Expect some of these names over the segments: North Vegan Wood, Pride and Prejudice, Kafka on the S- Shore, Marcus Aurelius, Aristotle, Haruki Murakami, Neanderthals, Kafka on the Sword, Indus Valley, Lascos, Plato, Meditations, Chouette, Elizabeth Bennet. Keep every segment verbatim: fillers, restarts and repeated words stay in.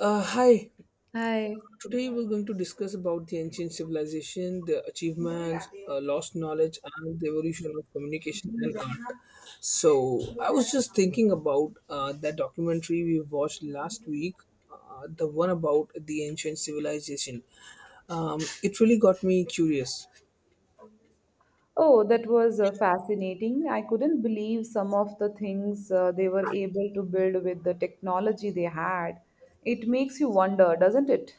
Uh, hi. Hi. Today we're going to discuss about the ancient civilization, the achievements, uh, lost knowledge, and the evolution of communication and art. So I was just thinking about uh, that documentary we watched last week, uh, the one about the ancient civilization. Um, it really got me curious. Oh, that was uh, fascinating. I couldn't believe some of the things uh, they were able to build with the technology they had. It makes you wonder, doesn't it?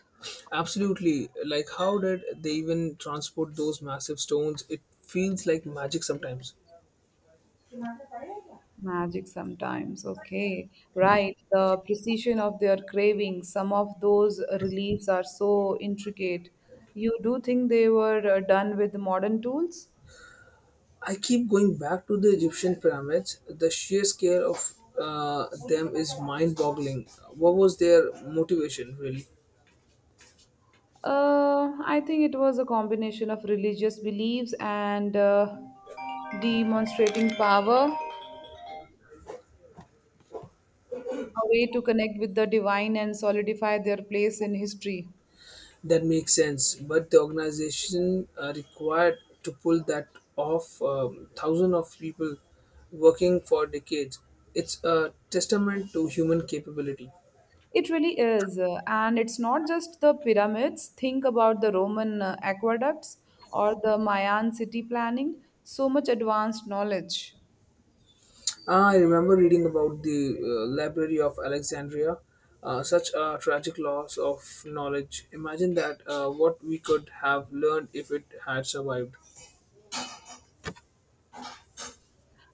Absolutely, like how did they even transport those massive stones? It feels like magic sometimes. Magic sometimes. Okay. Right. The precision of their cravings. Some of those reliefs are so intricate. You do think they were uh, done with modern tools? I keep going back to the Egyptian pyramids. The sheer scale of uh, them is mind boggling. What was their motivation, really? Uh, I think it was a combination of religious beliefs and uh, demonstrating power. A way to connect with the divine and solidify their place in history. That makes sense, but the organization uh, required to pull that off, um, thousands of people working for decades. It's a testament to human capability. It really is. uh, And it's not just the pyramids. Think about the Roman uh, aqueducts or the Mayan city planning. So much advanced knowledge. Ah, I remember reading about the uh, Library of Alexandria, uh, such a tragic loss of knowledge. Imagine that uh, what we could have learned if it had survived.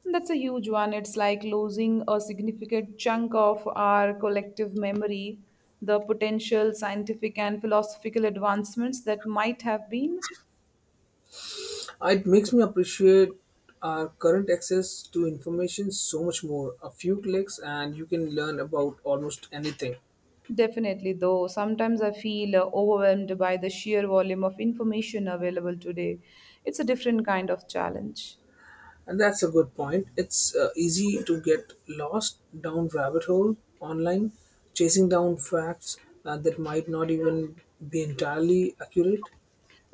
That's a huge one. It's like losing a significant chunk of our collective memory, the potential scientific and philosophical advancements that might have been. Uh, it makes me appreciate our current access to information so much more. A few clicks, and you can learn about almost anything. Definitely, though, sometimes I feel uh, overwhelmed by the sheer volume of information available today. It's a different kind of challenge. And that's a good point. It's uh, easy to get lost down rabbit hole online, chasing down facts uh, that might not even be entirely accurate.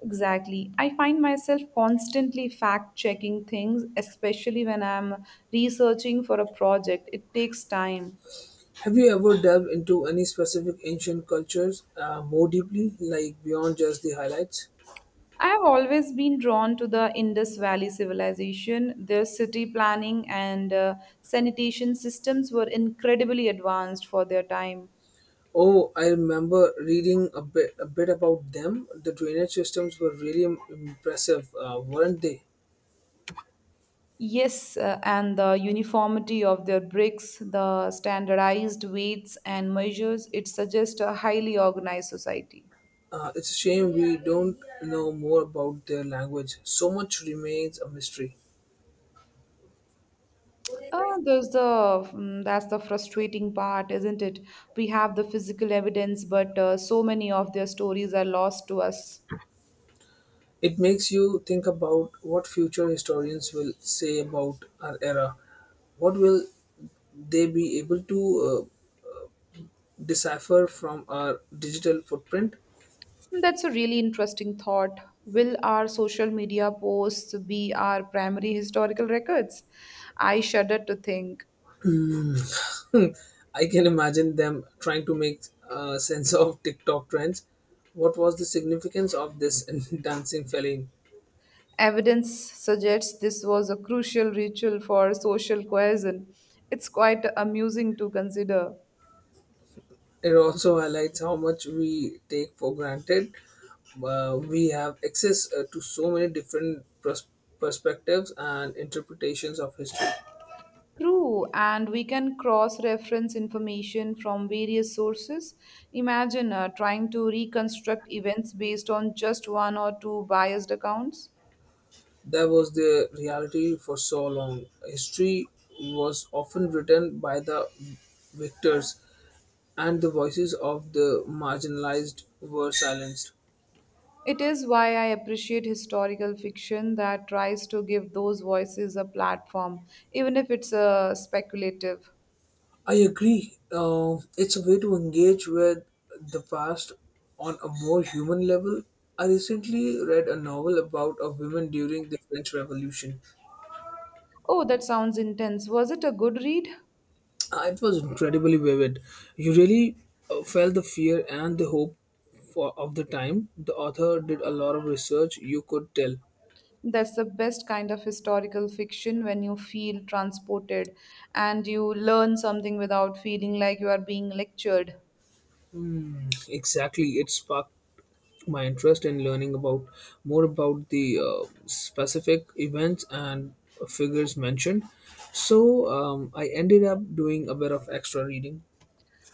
Exactly. I find myself constantly fact checking things, especially when I'm researching for a project. It takes time. Have you ever delved into any specific ancient cultures uh, more deeply, like beyond just the highlights? I have always been drawn to the Indus Valley civilization. Their city planning and uh, sanitation systems were incredibly advanced for their time. Oh, I remember reading a bit, a bit about them. The drainage systems were really im- impressive, uh, weren't they? Yes, uh, and the uniformity of their bricks, the standardized weights and measures, it suggests a highly organized society. Uh, it's a shame we don't know more about their language. So much remains a mystery. Oh, there's the mm, that's the frustrating part, isn't it? We have the physical evidence, but uh, so many of their stories are lost to us. It makes you think about what future historians will say about our era. What will they be able to uh, decipher from our digital footprint? That's a really interesting thought. Will our social media posts be our primary historical records? I shudder to think. I can imagine them trying to make uh, sense of TikTok trends. What was the significance of this dancing feline? Evidence suggests this was a crucial ritual for social cohesion. It's quite amusing to consider. It also highlights how much we take for granted. Uh, we have access uh, to so many different pers- perspectives and interpretations of history. True, and we can cross reference information from various sources. Imagine uh, trying to reconstruct events based on just one or two biased accounts. That was the reality for so long. History was often written by the victors, and the voices of the marginalized were silenced. It is why I appreciate historical fiction that tries to give those voices a platform, even if it's uh, speculative. I agree. Uh, it's a way to engage with the past on a more human level. I recently read a novel about a woman during the French Revolution. Oh, that sounds intense. Was it a good read? Uh, it was incredibly vivid. You really uh, felt the fear and the hope for, of the time. The author did a lot of research, you could tell. That's the best kind of historical fiction when you feel transported and you learn something without feeling like you are being lectured. Hmm, exactly. It sparked my interest in learning about more about the uh, specific events and figures mentioned so um, I ended up doing a bit of extra reading.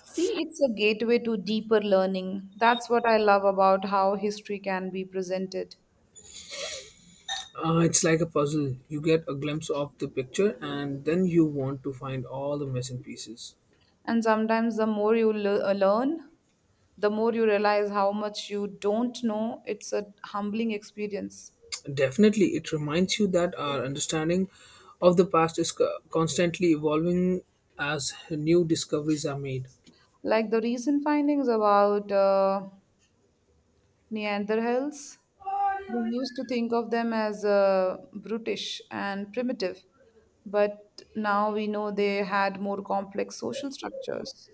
See, it's a gateway to deeper learning. That's what I love about how history can be presented. Uh, it's like a puzzle. You get a glimpse of the picture and then you want to find all the missing pieces. And sometimes the more you le- uh, learn, the more you realize how much you don't know. It's a humbling experience. Definitely, it reminds you that our understanding of the past is co- constantly evolving as new discoveries are made. Like the recent findings about uh, Neanderthals. We used to think of them as uh, brutish and primitive, but now we know they had more complex social structures.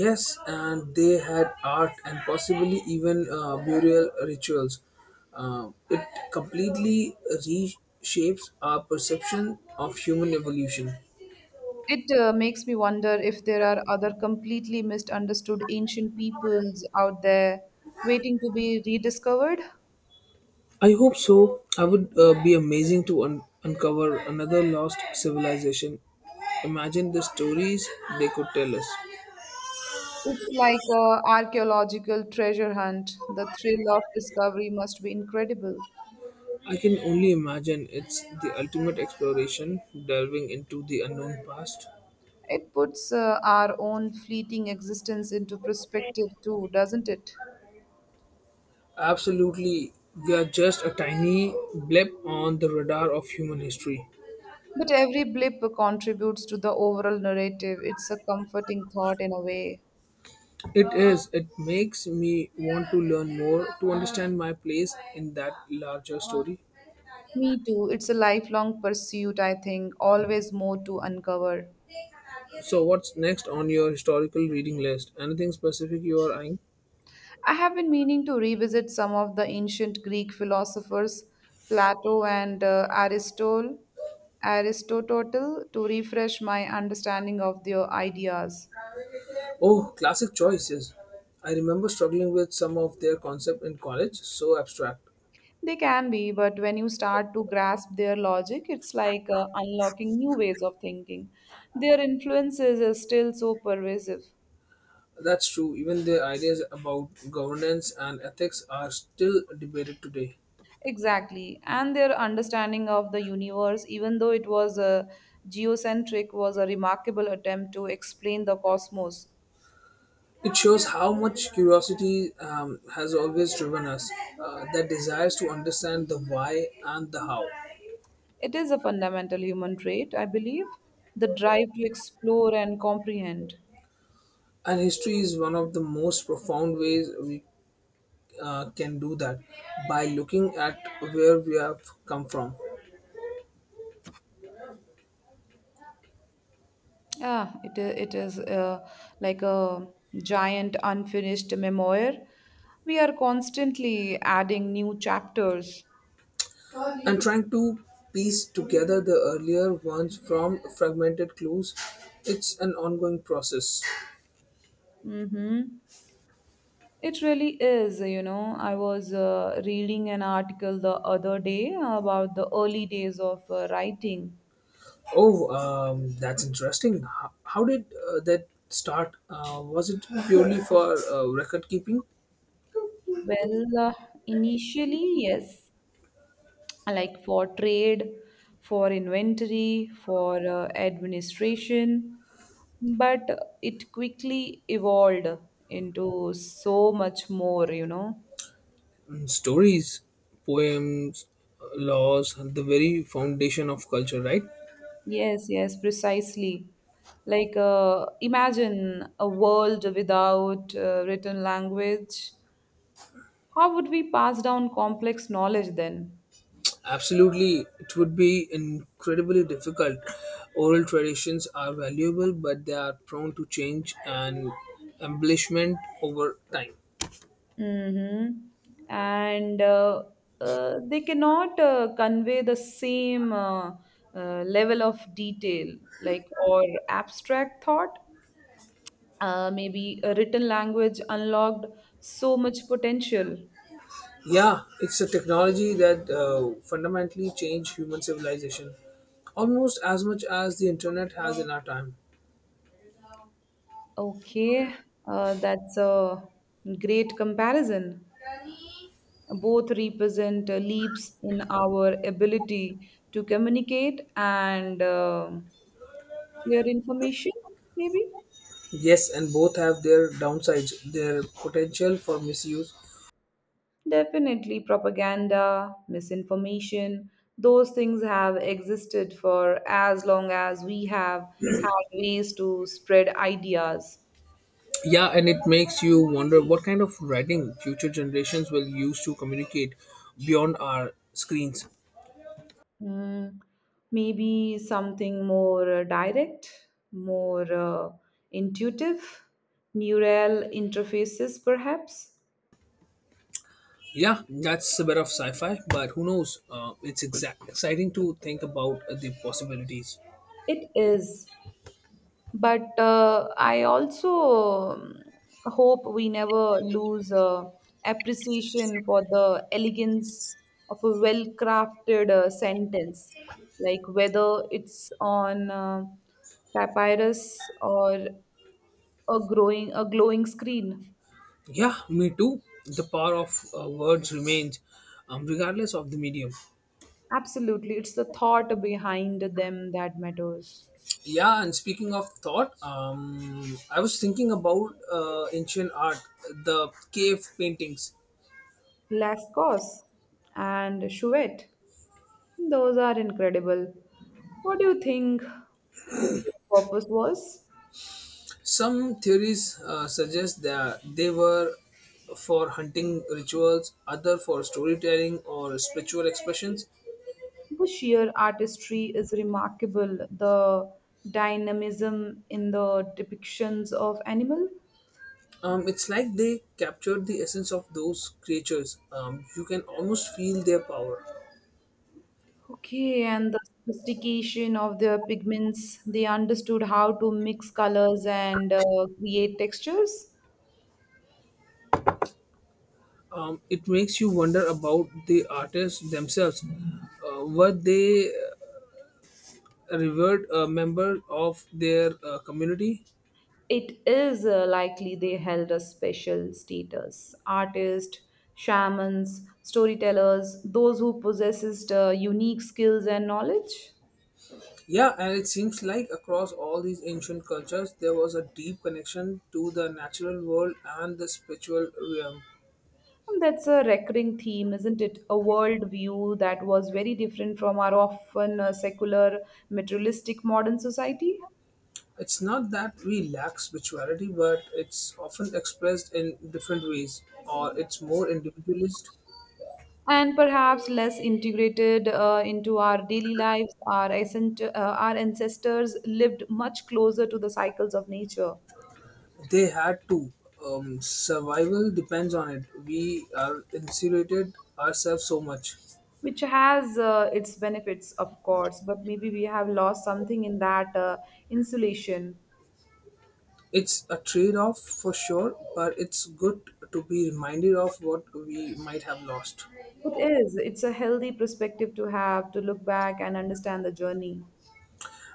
Yes, and they had art and possibly even uh, burial rituals. Uh, it completely reshapes our perception of human evolution. It uh, makes me wonder if there are other completely misunderstood ancient peoples out there waiting to be rediscovered. I hope so. I would uh, be amazing to un- uncover another lost civilization. Imagine the stories they could tell us. It's like a archaeological treasure hunt. The thrill of discovery must be incredible. I can only imagine it's the ultimate exploration, delving into the unknown past. It puts uh, our own fleeting existence into perspective too, doesn't it? Absolutely, we are just a tiny blip on the radar of human history. But every blip contributes to the overall narrative. It's a comforting thought in a way. It is. It makes me want to learn more to understand my place in that larger story. Me too. It's a lifelong pursuit, I think, always more to uncover. So, what's next on your historical reading list? Anything specific you are eyeing? I have been meaning to revisit some of the ancient Greek philosophers, Plato and uh, Aristotle, Aristotle, to refresh my understanding of their ideas. Oh, classic choices. I remember struggling with some of their concept in college, so abstract. They can be, but when you start to grasp their logic, it's like uh, unlocking new ways of thinking. Their influences are still so pervasive. That's true, even their ideas about governance and ethics are still debated today. Exactly. And their understanding of the universe, even though it was a geocentric, was a remarkable attempt to explain the cosmos. It shows how much curiosity um, has always driven us, uh, that desires to understand the why and the how. It is a fundamental human trait, I believe, the drive to explore and comprehend. And history is one of the most profound ways we uh, can do that by looking at where we have come from Yeah, it i- it is uh, like a giant unfinished memoir. We are constantly adding new chapters. and trying to piece together the earlier ones from fragmented clues. It's an ongoing process. Mm-hmm. It really is, you know. I was uh, reading an article the other day about the early days of uh, writing. Oh, um, that's interesting. How, how did uh, that start? Uh, was it purely for uh, record keeping? Well, uh, initially, yes. Like for trade, for inventory, for uh, administration, but it quickly evolved into so much more, you know. Mm, stories, poems, laws, the very foundation of culture, right? Yes, yes, precisely. Like, uh, imagine a world without uh, written language. How would we pass down complex knowledge then? Absolutely, it would be incredibly difficult. Oral traditions are valuable, but they are prone to change and embellishment over time. Mm-hmm. And uh, uh, They cannot uh, convey the same uh, uh, level of detail, like or abstract thought. Uh, maybe a written language unlocked so much potential. Yeah, it's a technology that uh, fundamentally changed human civilization almost as much as the internet has in our time. Okay, uh, that's a great comparison. Both represent uh, leaps in our ability to communicate and uh, share information, maybe. Yes, and both have their downsides, their potential for misuse. Definitely, propaganda, misinformation, those things have existed for as long as we have had ways to spread ideas. Yeah, and it makes you wonder what kind of writing future generations will use to communicate beyond our screens. Mm, maybe something more uh, direct, more uh, intuitive, neural interfaces, perhaps. Yeah, that's a bit of sci fi, but who knows? Uh, it's exact- exciting to think about uh, the possibilities. It is. But uh, I also um, hope we never lose uh, appreciation for the elegance of a well crafted uh, sentence, like whether it's on uh, papyrus or a growing a glowing screen. Yeah, me too. The power of uh, words remains um, regardless of the medium. Absolutely, it's the thought behind them that matters. Yeah, and speaking of thought, um, I was thinking about uh, ancient art, the cave paintings. Lascos and Chouette. Those are incredible. What do you think their purpose was? Some theories uh, suggest that they were for hunting rituals, other for storytelling or spiritual expressions. The sheer artistry is remarkable. The dynamism in the depictions of animal. Um, it's like they captured the essence of those creatures. Um, you can almost feel their power. Okay, and the sophistication of their pigments. They understood how to mix colors and uh, create textures. Um, it makes you wonder about the artists themselves. Uh, were they uh, revered uh, members of their uh, community? It is uh, likely they held a special status. Artists, shamans, storytellers, those who possessed uh, unique skills and knowledge. Yeah, and it seems like across all these ancient cultures, there was a deep connection to the natural world and the spiritual realm. And that's a recurring theme, isn't it? A world view that was very different from our often uh, secular, materialistic modern society, It's not that we lack spirituality, but it's often expressed in different ways, or it's more individualist. and perhaps less integrated uh, into our daily lives. Our, ascent- uh, our ancestors lived much closer to the cycles of nature They had to. Um, survival depends on it. We are insulated ourselves so much. which has uh, its benefits, of course, but maybe we have lost something in that uh, insulation. It's a trade off for sure, but it's good to be reminded of what we might have lost. It is, it's a healthy perspective to have to look back and understand the journey.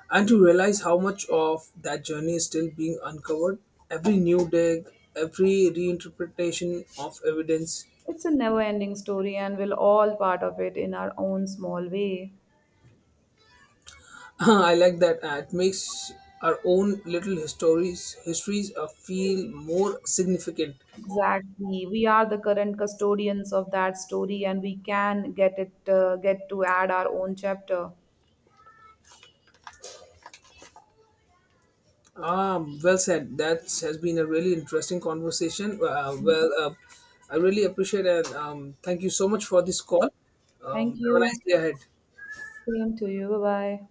And to realize how much of that journey is still being uncovered, every new dig, every reinterpretation of evidence. It's a never ending story, and we're all part of it in our own small way. I like that. Uh, it makes our own little histories histories uh, feel more significant. Exactly. We are the current custodians of that story, and we can get it, uh, get to add our own chapter. Ah, well said. That has been a really interesting conversation. uh, well uh, I really appreciate it. And um, thank you so much for this call. um, Thank Have a nice you. day ahead. Same to you. Bye bye.